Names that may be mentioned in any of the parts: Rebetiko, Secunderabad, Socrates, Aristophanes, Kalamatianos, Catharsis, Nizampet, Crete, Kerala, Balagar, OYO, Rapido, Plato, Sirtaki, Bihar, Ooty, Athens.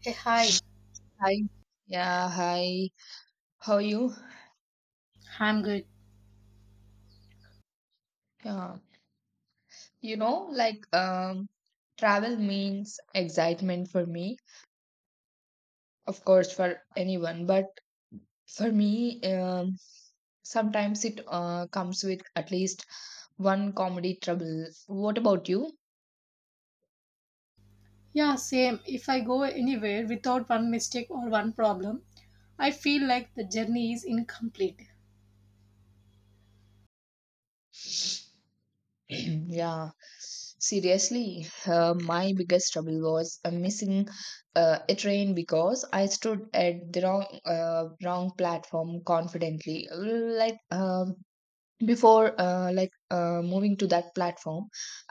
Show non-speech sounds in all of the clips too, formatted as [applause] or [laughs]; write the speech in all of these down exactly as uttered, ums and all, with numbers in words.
Hey, hi. Hi. Yeah, hi. How are you? I'm good. Yeah. You know, like um travel means excitement for me, of course for anyone, but for me, um sometimes it uh, comes with at least one comedy trouble. What about you? Yeah, same. If I go anywhere without one mistake or one problem, I feel like the journey is incomplete. [clears throat] Yeah. Seriously, uh, my biggest trouble was uh, missing uh, a train because I stood at the wrong uh, wrong platform confidently. Like um before uh, like uh, moving to that platform,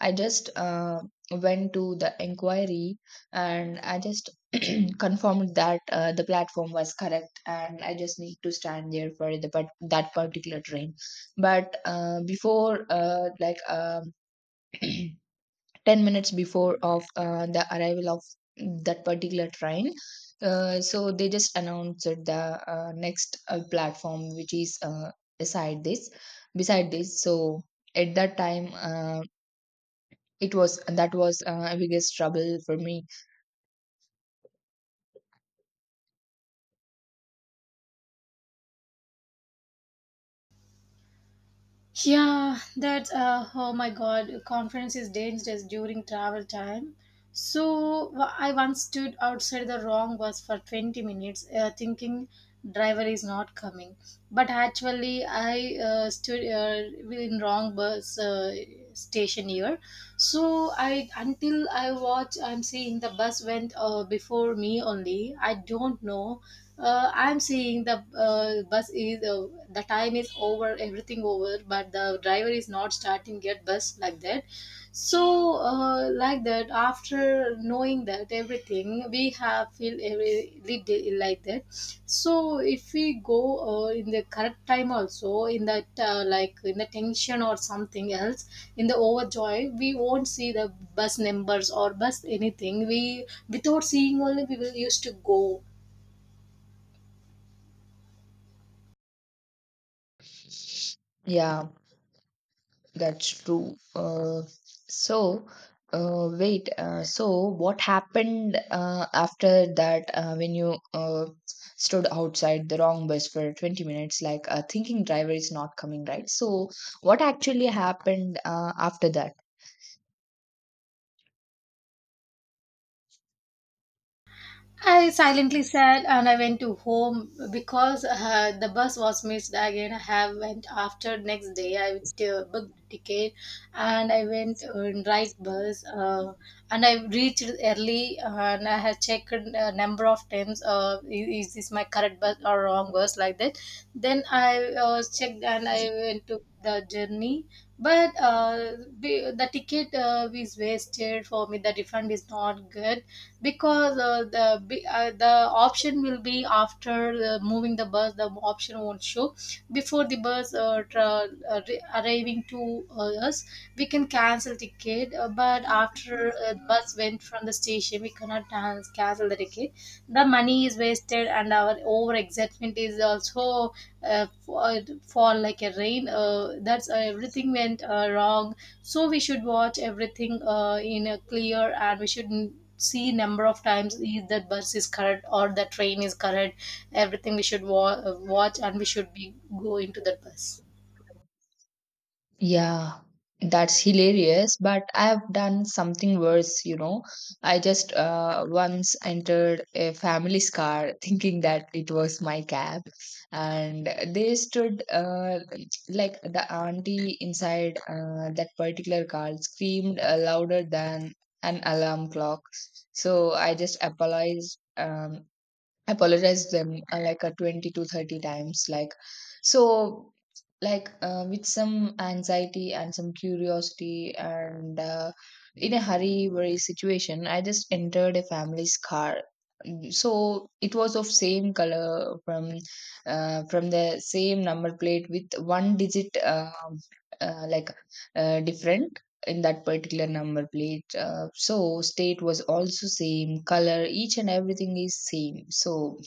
i just uh, went to the inquiry, and I just [clears throat] confirmed that uh, the platform was correct and I just need to stand there for the but that particular train. But uh, before uh, like um [clears throat] ten minutes before of uh, the arrival of that particular train, uh, so they just announced the uh, next uh, platform, which is uh, beside this beside this So at that time, uh, it was that was uh, a biggest trouble for me. Yeah, that's uh, oh my god, conference is dangerous during travel time. So w- I once stood outside the wrong bus for twenty minutes, uh, thinking driver is not coming. But actually, I uh, stood uh, in wrong bus uh, station here. So I until I watch, I'm seeing the bus went uh, before me only. I don't know uh, I'm seeing the uh, bus is uh, the time is over everything over but the driver is not starting yet bus like that so uh, like that after knowing that everything we have feel every little like that so if we go uh, in the correct time also in that uh, like in the tension or something else in the overjoy we won't see the bus numbers or bus anything we without seeing only we will used to go. Yeah. That's true. Uh, so, uh, wait. Uh, so, what happened uh, after that, uh, when you uh, stood outside the wrong bus for twenty minutes, like a thinking driver is not coming, right? So, what actually happened uh, after that? I silently said and I went to home because uh, the bus was missed again. I have went after next day. I uh, booked ticket and I went on right bus uh, and I reached early and I had checked a number of times uh, i- is this my correct bus or wrong bus like that. Then I uh, checked and I went to the journey but uh, the, the ticket uh, is wasted for me. The refund is not good because uh, the b- uh, the option will be after uh, moving the bus the option won't show before the bus uh, tra- uh, re- arriving to uh, us we can cancel ticket uh, but after uh, bus went from the station we cannot can- cancel the ticket the money is wasted and our over excitement is also uh, for, for like a rain uh, that's uh, everything went uh, wrong so we should watch everything uh, in a clear and we should not see number of times if that bus is correct or the train is correct everything we should wa- uh, watch and we should be go into that bus. Yeah, that's hilarious. But I've done something worse, you know. I just uh, once entered a family's car [laughs] thinking that it was my cab, and they stood uh, like the auntie inside uh, that particular car screamed uh, louder than an alarm clock. So I just apologized, um, apologized them uh, like a twenty to thirty times, like. So like uh, with some anxiety and some curiosity and uh, in a hurry worry situation, I just entered a family's car. So it was of same color from uh, from the same number plate with one digit uh, uh, like uh, different in that particular number plate. Uh, so state was also same color, each and everything is same. So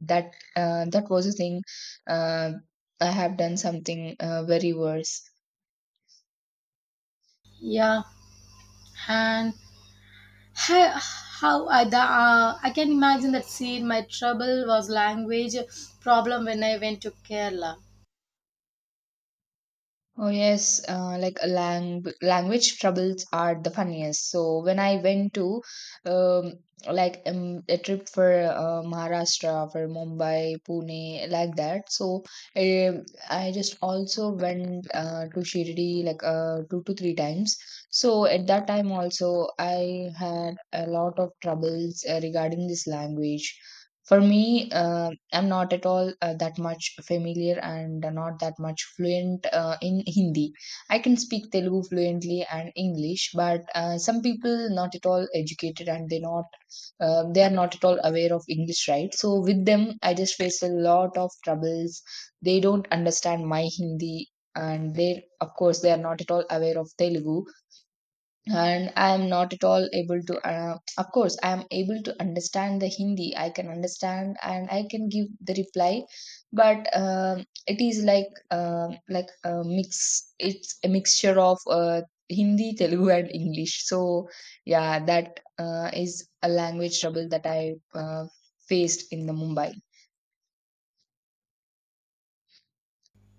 that uh, that was a thing. uh, I have done something uh, very worse. Yeah and how, how I, the, uh, I can imagine that scene. My trouble was language problem when I went to Kerala. Oh yes, uh, like a lang- language troubles are the funniest. So when I went to um, like um, a trip for uh, Maharashtra, for Mumbai, Pune, like that. So um I just also went uh, to Shirdi like uh, two to three times. So at that time also, I had a lot of troubles uh, regarding this language. For me, um I'm not at all uh, that much familiar and not that much fluent uh, in Hindi. I can speak Telugu fluently and English, but uh, some people not at all educated and they not um, they are not at all aware of English, right? So with them, I just face a lot of troubles. They don't understand my Hindi, and they, of course, they are not at all aware of Telugu, and I am not at all able to uh, of course I am able to understand the Hindi. I can understand and I can give the reply, but um it is like um like a mix. It's a mixture of uh, Hindi, Telugu and English. So yeah, that uh, is a language trouble that I uh, faced in the Mumbai.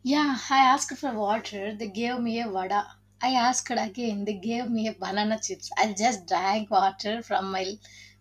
Yeah, I asked for water. They gave me a vada. I asked again. They gave me a banana chips. I just drank water from my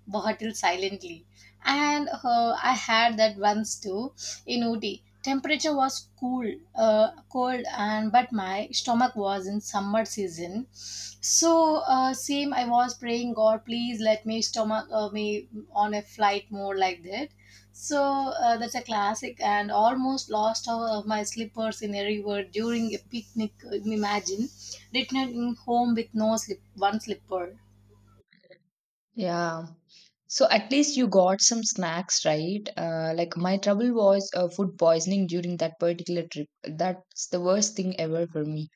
bottle silently. And uh, I had that once too in Ooty. Temperature was cool, uh, cold, and but my stomach was in summer season. So uh, same, I was praying God, please let me stomach uh, me on a flight more like that. So uh, that's a classic, and almost lost all of my slippers in a river during a picnic. uh, Imagine returning home with no slip, one slipper. Yeah. So at least you got some snacks, right? Uh, like my trouble was uh, food poisoning during that particular trip. That's the worst thing ever for me.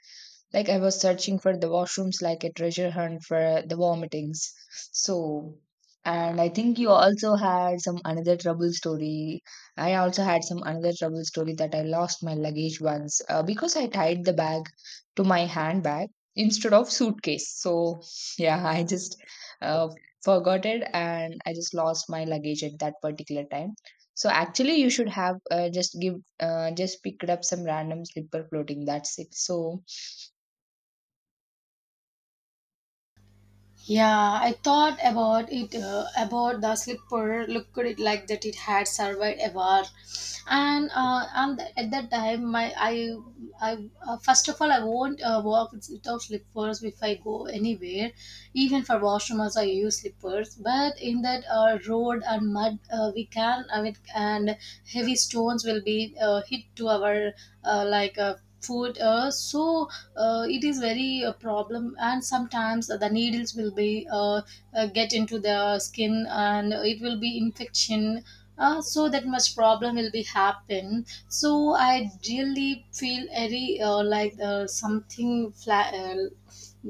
Like I was searching for the washrooms like a treasure hunt for uh, the vomitings. So, and I think you also had some another trouble story. I also had some another trouble story that I lost my luggage once uh, because I tied the bag to my handbag instead of suitcase. So, yeah, [laughs] I just uh, forgot it and I just lost my luggage at that particular time. So actually, you should have uh, just give uh, just picked up some random slipper floating. That's it. So Yeah, I thought about it uh, about the slipper. Looked it like that it had survived a war, and uh, and at that time, my I I uh, first of all I won't uh, walk without slippers if I go anywhere, even for washrooms I use slippers. But in that uh, road and mud, uh, we can I mean, and heavy stones will be uh, hit to our uh, like uh, foot. Uh, so uh, it is very a problem and sometimes the needles will be uh, uh, get into the skin and it will be infection uh, so that much problem will be happen so I really feel very uh, like uh, something flat uh,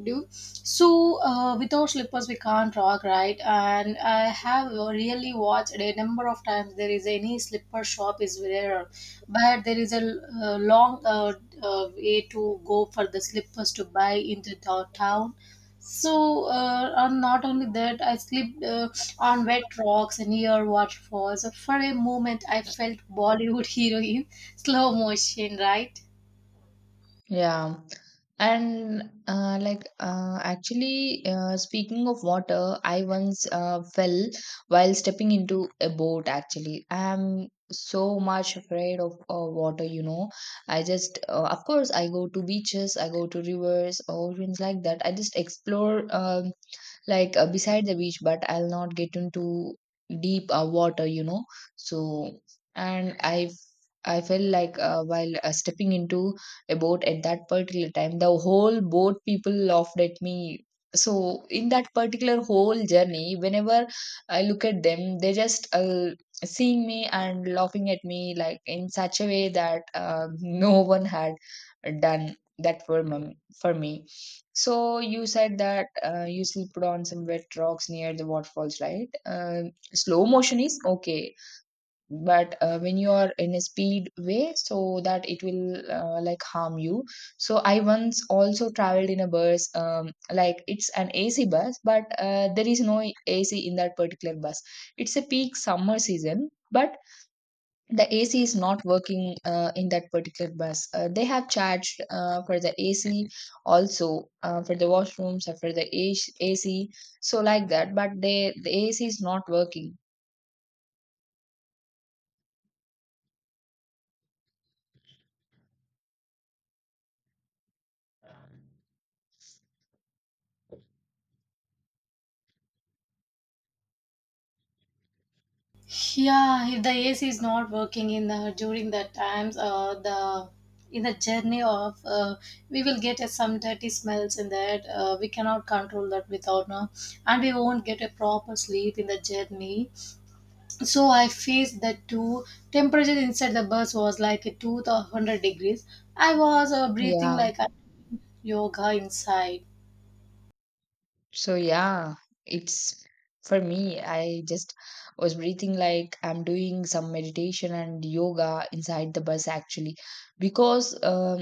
do so uh, without slippers we can't rock right and I have really watched a number of times there is any slipper shop is there but there is a uh, long uh, uh, way to go for the slippers to buy into the town so uh, and not only that I slipped uh, on wet rocks and near waterfalls. So, for a moment I felt bollywood [laughs] heroine slow motion right. yeah. And uh, like uh, actually, uh, speaking of water, I once uh, fell while stepping into a boat. Actually, I am so much afraid of uh, water. You know, I just uh, of course I go to beaches, I go to rivers, oceans like that. I just explore. Um, like uh, beside the beach, but I'll not get into deep uh, water, you know. So and i i felt like uh, while uh, stepping into a boat. At that particular time, the whole boat people laughed at me. So in that particular whole journey, whenever I look at them, they just uh, seeing me and laughing at me like in such a way that uh, [laughs] no one had done that for me for me. So you said that uh, you slept on some wet rocks near the waterfalls, right? Uh, slow motion is okay, but uh, when you are in a speed way, so that it will uh, like harm you. So I once also traveled in a bus, um, like it's an A C bus, but uh, there is no A C in that particular bus. It's a peak summer season, but the A C is not working uh, in that particular bus. Uh, they have charged uh, for the A C, also uh, for the washrooms or for the A C. So like that, but they the A C is not working. Yeah, if the A C is not working in the during that times, uh, the in the journey of uh, we will get uh, some dirty smells in that. Uh, we cannot control that without no, and we won't get a proper sleep in the journey. So I faced that too. Temperature inside the bus was like a two hundred degrees. I was uh, breathing Yeah. like a yoga inside. So yeah, it's for me. I just was breathing like I'm doing some meditation and yoga inside the bus actually, because um,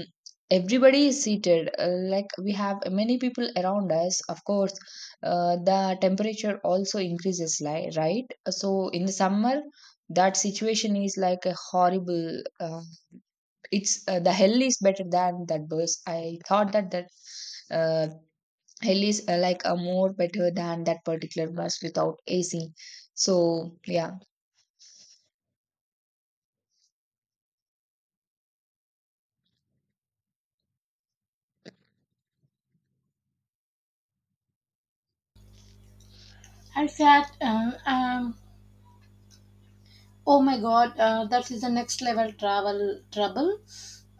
everybody is seated. Uh, like we have many people around us. Of course, uh, the temperature also increases, like, right. So in the summer, that situation is like a horrible. Uh, it's uh, the hell is better than that bus. I thought that that. Uh, hell is uh, like a more better than that particular bus without A C. So yeah, I sat um, um, Oh my god, uh, that is the next level travel trouble.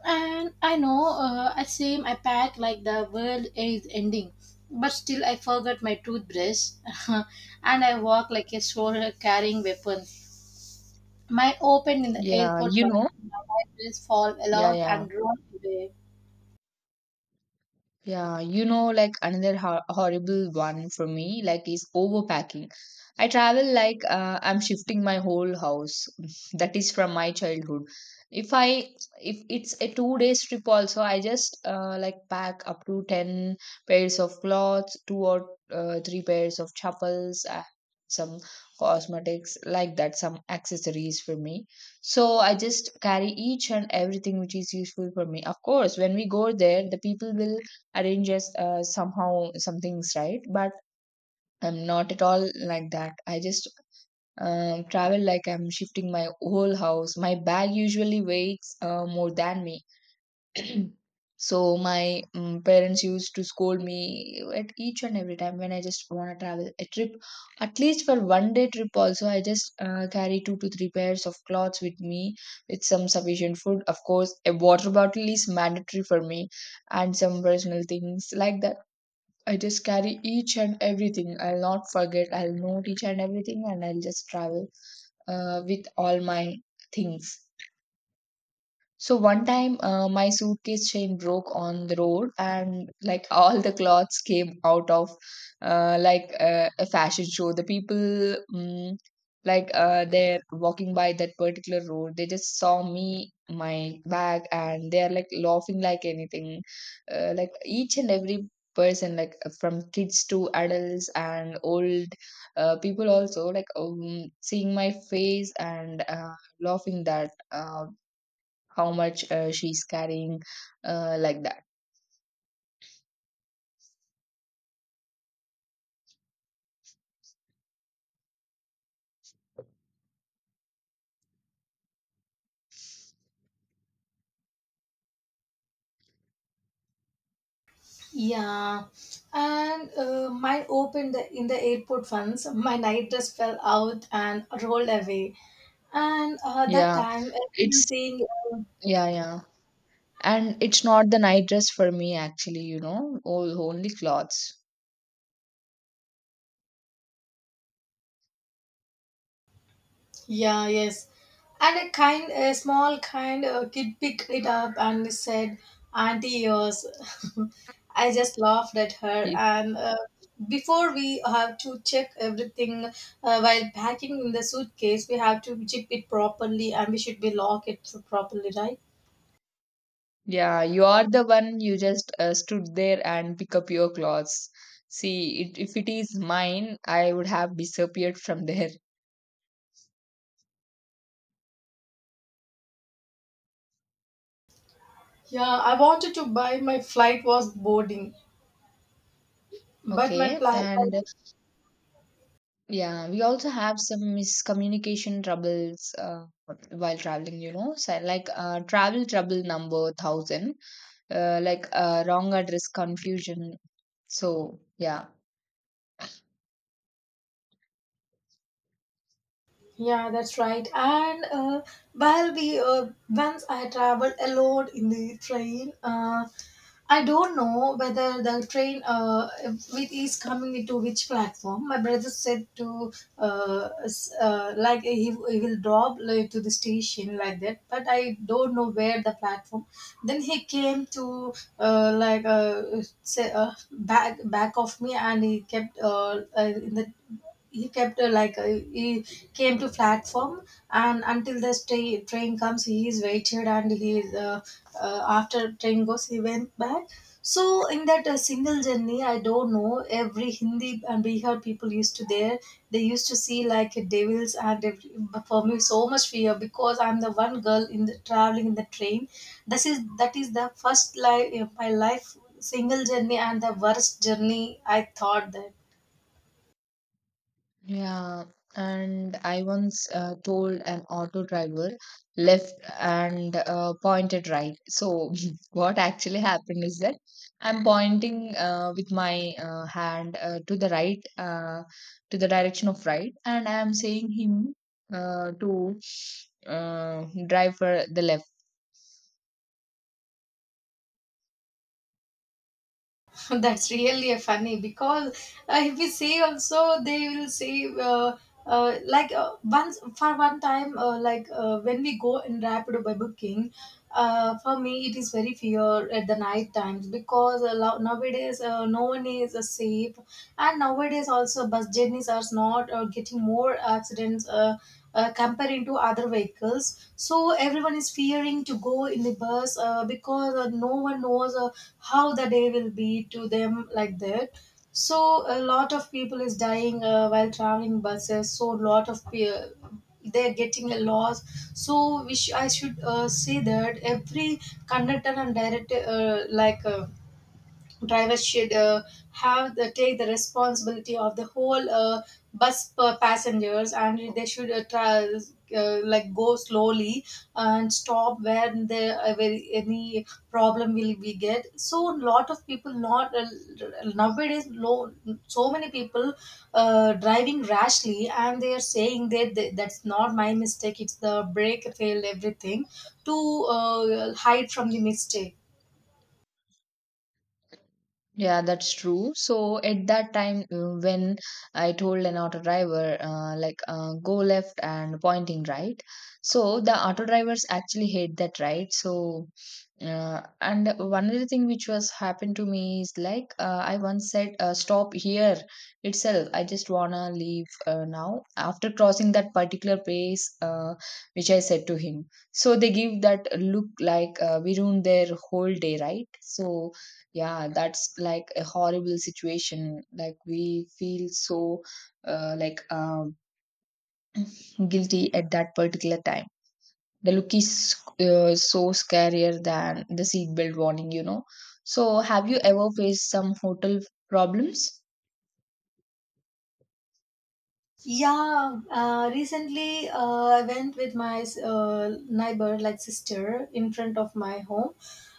And I know, uh, I same I pack like the world is ending, but still I forgot my toothbrush, [laughs] and I walk like a soldier carrying weapons. My open in the yeah, airport, you veranda, know, my dress fall yeah, out yeah. and roll away. Yeah, you know, like another ho horrible one for me, like, is overpacking. I travel like uh, I'm shifting my whole house. [laughs] That is from my childhood. If I if it's a two days trip also, I just uh, like pack up to ten pairs of clothes, two or uh, three pairs of chappals, uh, some cosmetics like that, some accessories for me. So I just carry each and everything which is useful for me. Of course, when we go there, the people will arranges uh, somehow some things, right, but I'm not at all like that. I just um, travel like I'm shifting my whole house. My bag usually weighs uh, more than me. [clears throat] So my um, parents used to scold me at each and every time when I just want to travel a trip. At least for one day trip also, I just uh, carry two to three pairs of clothes with me, with some sufficient food. Of course, a water bottle is mandatory for me, and some personal things like that. I just carry each and everything. I'll not forget. I'll note each and everything and I'll just travel uh, with all my things. So one time, uh, my suitcase chain broke on the road, and like all the clothes came out of uh, like uh, a fashion show. The people, mm like uh, they're walking by that particular road, they just saw me, my bag, and they're like laughing like anything. Uh, like each and every person, like uh, from kids to adults and old uh, people also, like um, seeing my face and uh, laughing that. Uh, how much uh, she's carrying uh, like that. Yeah, and uh, mine opened the, in the airport once. My night dress fell out and rolled away. And uh, that Yeah, time, it's, everyone saying uh, yeah, yeah. And it's not the night dress for me actually, you know, all only clothes. yeah. Yes. And a kind, a small kind uh, kid picked it up and said, "Auntie, yours." [laughs] I just laughed at her. Y- And uh, before we have to check everything uh, while packing in the suitcase, we have to zip it properly, and we should be lock it properly, right? yeah, you are the one, you just uh, stood there and pick up your clothes. See it, if it is mine, I would have disappeared from there. Yeah, I wanted to buy my flight was boarding, [laughs] but my Okay, flight. and uh, yeah, we also have some miscommunication troubles uh, while traveling, you know. So like uh, travel trouble number one thousand, uh, like uh, wrong address confusion. So, yeah. Yeah, that's right. And uh, while we uh, once I traveled alone in the train, uh, I don't know whether the train uh, it is coming into which platform. My brother said to uh, s- uh, like he, he will drop like, to the station like that, but I don't know where the platform. Then he came to uh, like uh, say uh, back back of me, and he kept uh, uh, in the he kept uh, like uh, he came to platform and until the tra- train comes he is waited and he is uh, uh, after train goes he went back so in that uh, single journey I don't know every hindi and bihar people used to there they used to see like devils and every, but for me so much fear because I'm the one girl in the traveling in the train. This is that is the first life my life single journey and the worst journey I thought that. Yeah. And I once uh, told an auto driver left and uh, pointed right. So, [laughs] what actually happened is that I'm pointing uh, with my uh, hand uh, to the right, uh, to the direction of right, and I'm saying him uh, to uh, drive for the left. [laughs] That's really a funny because uh, if we say also they will say uh, uh, like uh, once for one time uh, like uh, when we go in rapid by booking uh, for me it is very fear at the night times because uh, lo- nowadays uh, no one is uh, safe and nowadays also bus journeys are not uh, getting more accidents uh, uh, comparing to other vehicles. So everyone is fearing to go in the bus uh, because uh, no one knows uh, how the day will be to them like that. So a lot of people is dying uh, while traveling buses. So lot of pe- they're getting a loss. So which I should uh, say that every conductor and director uh, like. Uh, drivers should uh, have the take the responsibility of the whole uh, bus per passengers and they should uh, try, uh, like go slowly and stop where there uh, where any problem will be get so lot of people not uh, nowadays low, so many people uh, driving rashly and they are saying that that- that's not my mistake it's the brake failed everything to uh, hide from the mistake. Yeah, that's true. So at that time, uh, when I told an auto driver, uh, like, uh, go left and pointing right, so the auto drivers actually hate that, right? So, uh, and one other thing which was happened to me is like, uh, I once said, uh, stop here itself. I just wanna leave uh, now, after crossing that particular place, uh, which I said to him. So they give that look like uh, we ruined their whole day, right? So yeah, that's like a horrible situation. Like we feel so uh, like um, guilty at that particular time. The look is uh, so scarier than the seatbelt warning you know So have you ever faced some hotel problems? Yeah, uh, recently uh, I went with my uh, neighbor, like sister, in front of my home.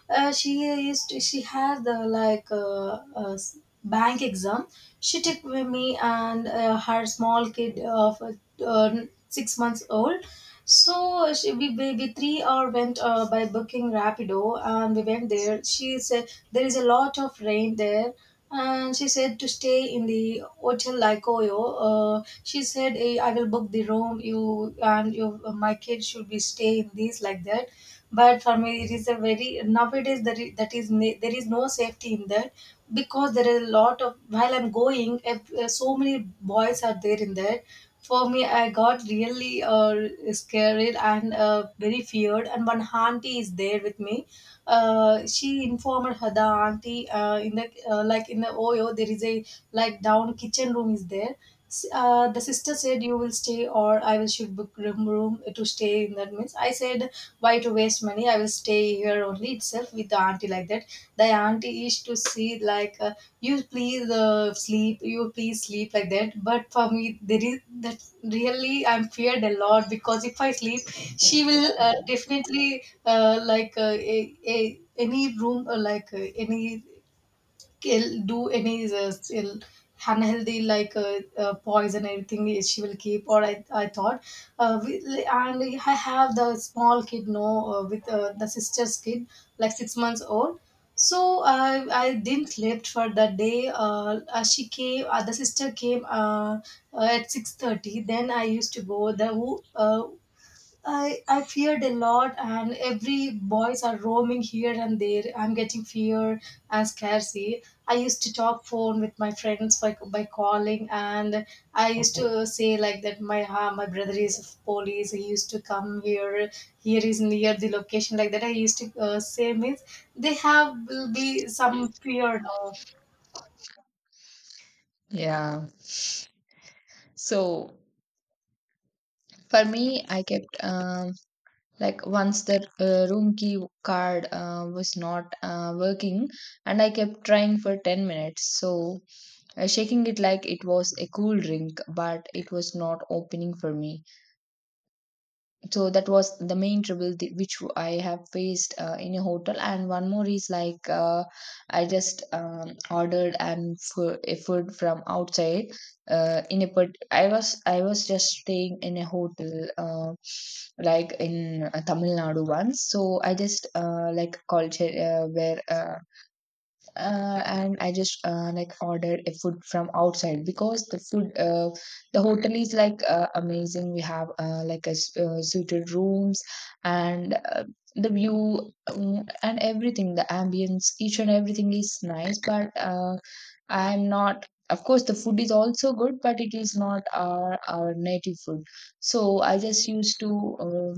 Uh, she is she had the like uh, uh, s- bank exam. She took with me and uh, her small kid of uh, uh, six months old. So she, we, we, we three hour went uh, by booking Rapido and we went there. She said there is a lot of rain there and she said to stay in the hotel Laikoyo. Uh, she said, "Eh, I will book the room. You and you, my kids should be stay in this like that." But for me, it is a very nowadays that is, that is ne- there is no safety in that because there are a lot of while I'm going, if, uh, so many boys are there in that. For me, I got really uh, scared and uh, very feared. And one auntie is there with me, uh, she informed her the auntie uh, in the uh, like in the oyo there is a like down kitchen room is there. S- uh, the sister said, "You will stay or I will should book room, room to stay in that means." I said, "Why to waste money? I will stay here only itself with the auntie like that." Related, the auntie used to see like, uh, "You please uh, sleep, you please sleep," like that. But for me, there is that, really I'm feared a lot because if I sleep, she will uh, definitely uh, like uh, a, a, any room or like uh, any kill, do any uh, still unhealthy, like uh, uh, poison, everything is- she will keep, or i, I thought uh, we, and I have the small kid, no, uh, with uh, the sister's kid, like six months old. So I I didn't sleep for that day. Uh, uh, she came. Uh, the sister came uh, uh, at six thirty. Then I used to go. The who uh, I, I feared a lot, and every boys are roaming here and there. I'm getting fear and scarcity. I used to talk phone with my friends by, by calling, and I used to say like that. My uh, my brother is of police. He used to come here. Here is near the location like that. I used to uh, say means they have will be some fear now. Yeah, so for me, I kept um like once the uh, room key card uh, was not uh, working, and I kept trying for ten minutes. So uh, shaking it like it was a cool drink, but it was not opening for me. So that was the main trouble th- which I have faced uh, in a hotel. And one more is like uh, I just um, ordered and fu- a food from outside. Uh, in a part- I was I was just staying in a hotel uh, like in uh, Tamil Nadu once. So I just uh, like culture uh, where. Uh, uh, and I just uh, like order a food from outside because the food uh, the hotel is like uh, amazing. We have uh, like a s- uh, suited rooms and uh, the view, um, and everything, the ambience, each and everything is nice. But uh, I'm not. Of course, the food is also good, but it is not our our native food. So I just used to uh,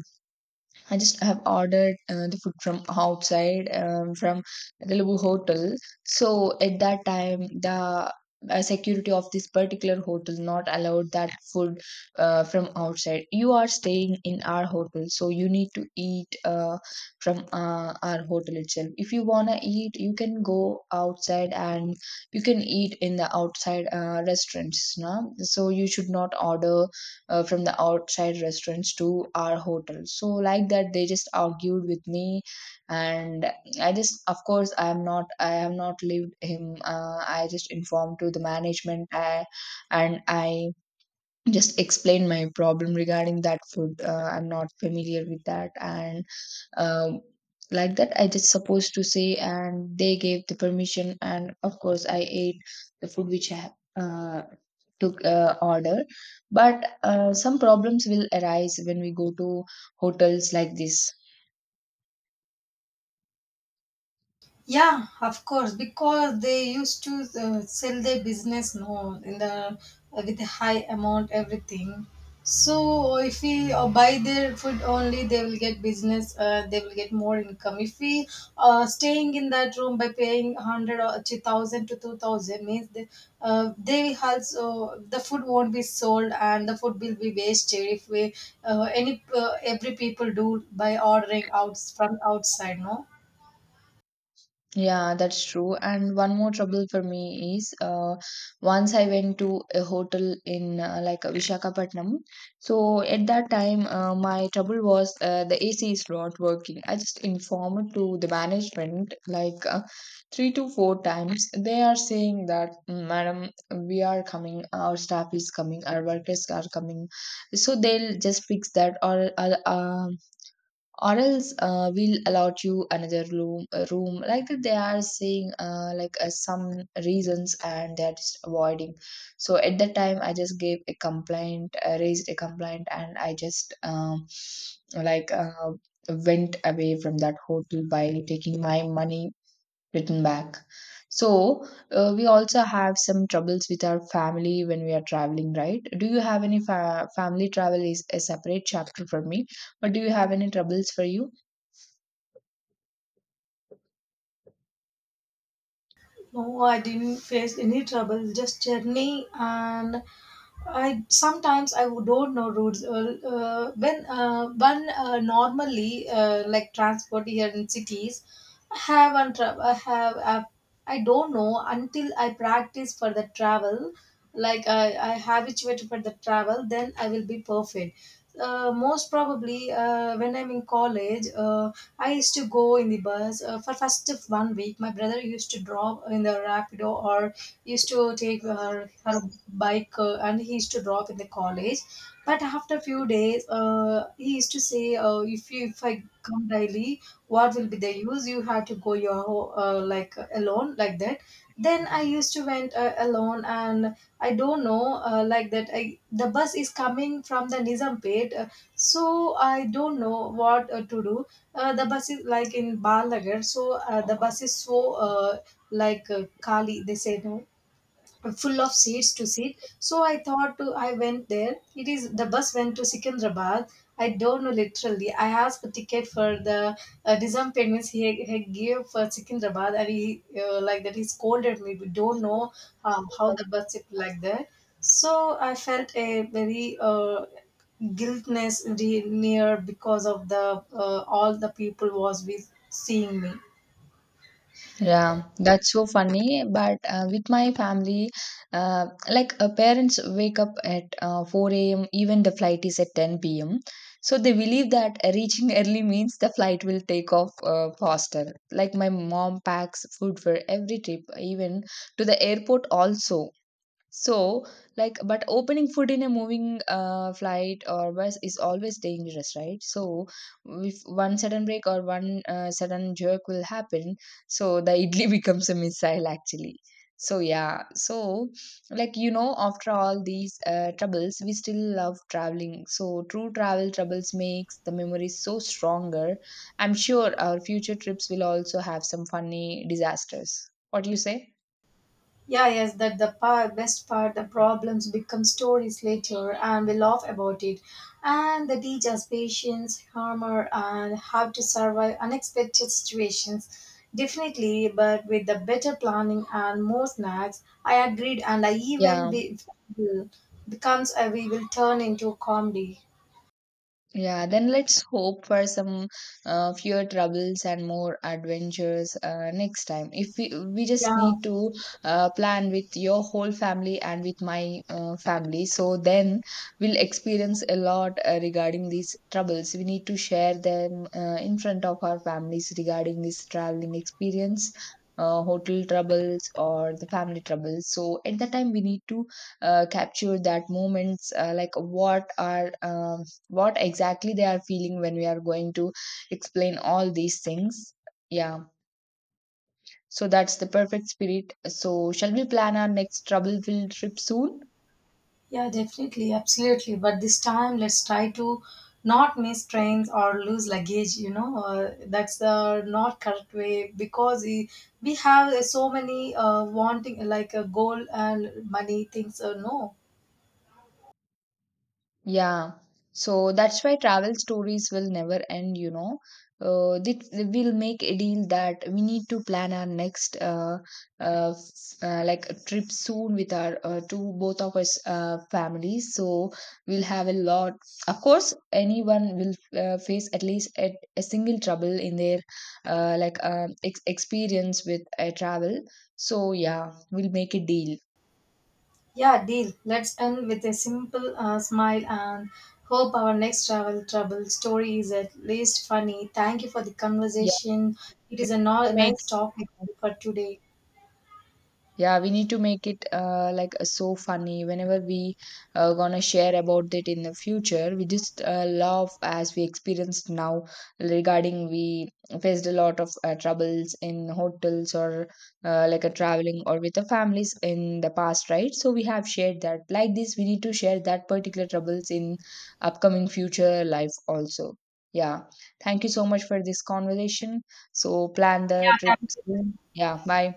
I just have ordered uh, the food from outside um, from Telugu hotel. So at that time, the uh, security of this particular hotel not allowed that food uh, from outside. You are staying in our hotel, so you need to eat uh, from uh, our hotel itself. If you wanna eat, you can go outside, and you can eat in the outside uh, restaurants. No? So you should not order uh, from the outside restaurants to our hotel. So like that, they just argued with me. And I just, of course, I am not, I have not lived him. uh, I just informed to the management, I, and I just explained my problem regarding that food. uh, I'm not familiar with that, and um, like that I just supposed to say, and they gave the permission, and of course, I ate the food which I have uh, took uh, order. But uh, some problems will arise when we go to hotels like this. Yeah, of course, because they used to uh, sell their business, no, in the uh, with a high amount, everything. So if we uh, buy their food only, they will get business. Uh, they will get more income. If we uh, staying in that room by paying hundred or two thousand to two thousand means they, uh, they also the food won't be sold and the food will be wasted if we uh, any uh, every people do by ordering out from outside, no. Yeah, that's true. And one more trouble for me is uh, once I went to a hotel in uh, like uh, Visakhapatnam. So at that time, uh, my trouble was uh, the A C is not working. I just informed to the management like uh, three to four times. They are saying that, "Mm, Madam, we are coming, our staff is coming, our workers are coming. So they'll just fix that, or uh, uh, or else uh, we'll allot you another room, a room." Like that, they are saying uh, like uh, some reasons, and they are just avoiding. So at that time, I just gave a complaint, uh, raised a complaint, and I just, um, like uh, went away from that hotel by taking my money written back. So, uh, we also have some troubles with our family when we are traveling, right? Do you have any fa- family, travel is a separate chapter for me, but do you have any troubles for you? No, I didn't face any trouble. Just journey, and I sometimes I would don't know roads. Uh, uh, when uh, when uh, normally, uh, like transport here in cities, I have and tra- I have, uh, I don't know until I practice for the travel. Like I I habituated for the travel, then I will be perfect. Uh, most probably, uh, when I'm in college, uh, I used to go in the bus uh, for first of one week. My brother used to drop in the rapido or used to take her, her bike, uh, and he used to drop in the college. But after a few days, uh, he used to say, uh, "If you, if I come daily, what will be the use? You have to go your ho- uh, like alone like that." Then I used to went, uh, alone, and I don't know, uh, like that, I, the bus is coming from the nizampet, uh, so I don't know what uh, to do. Uh, the bus is like in balagar, so uh, the bus is so uh, like uh, kali they say, no, full of seats to sit. So I thought to, I went there. It is the bus went to Secunderabad. I don't know literally. I asked a ticket for the uh, disarm payments. He, he gave for Secunderabad, and he uh, like that he scolded me. We don't know um, how the bus is like that. So I felt a very uh, guiltness re- near, because of the uh, all the people was with seeing me. Yeah, that's so funny. But uh, with my family, uh, like uh, parents wake up at uh, four a m, even the flight is at ten p m. So they believe that uh, reaching early means the flight will take off uh, faster. Like my mom packs food for every trip, even to the airport also. So, like, but opening food in a moving uh, flight or bus is always dangerous, right? So, if one sudden break or one uh, sudden jerk will happen, so the idli [laughs] becomes a missile actually. So, yeah, so like you know, after all these uh, troubles, we still love traveling. So, true travel troubles makes the memories so stronger. I'm sure our future trips will also have some funny disasters. What do you say? Yeah, yes, that the par- best part, the problems become stories later and we laugh about it. And they teach us patience, humor, and how to survive unexpected situations. Definitely, but with the better planning and more snacks, I agreed. And I even Yeah. be- becomes a, we will turn into comedy. Yeah, then let's hope for some uh, fewer troubles and more adventures uh, next time. If we we just Yeah, need to uh, plan with your whole family and with my uh, family, so then we'll experience a lot uh, regarding these troubles. We need to share them uh, in front of our families regarding this traveling experience. Uh, hotel troubles or the family troubles. So at that time, we need to uh, capture that moments uh, like what are um, what exactly they are feeling when we are going to explain all these things. Yeah. So that's the perfect spirit. So shall we plan our next trouble filled trip soon? yeah, definitely, absolutely. But this time, let's try to not miss trains or lose luggage. You know, uh, that's the not correct way, because we, we have uh, so many uh, wanting like a goal and money things. Uh, no, Yeah, so that's why travel stories will never end, you know. Uh, they, they will make a deal that we need to plan our next uh, uh, f- uh, like a trip soon with our uh, two both of us uh, families. So we'll have a lot. Of course, anyone will uh, face at least a, a single trouble in their uh, like uh, ex experience with a travel. So yeah, we'll make a deal. yeah, deal. Let's end with a simple uh, smile, and hope our next travel trouble story is at least funny. Thank you for the Yeah, conversation. It we is a need no- to make, nice topic for today. yeah, we need to make it uh, like uh, so funny whenever we uh, gonna share about it in the future. We just uh, love as we experienced now regarding we faced a lot of uh, troubles in hotels or uh, like a traveling or with the families in the past, right? So we have shared that. Like this, we need to share that particular troubles in upcoming future life also. Yeah. Thank you so much for this conversation. So plan the trip soon. Yeah, bye.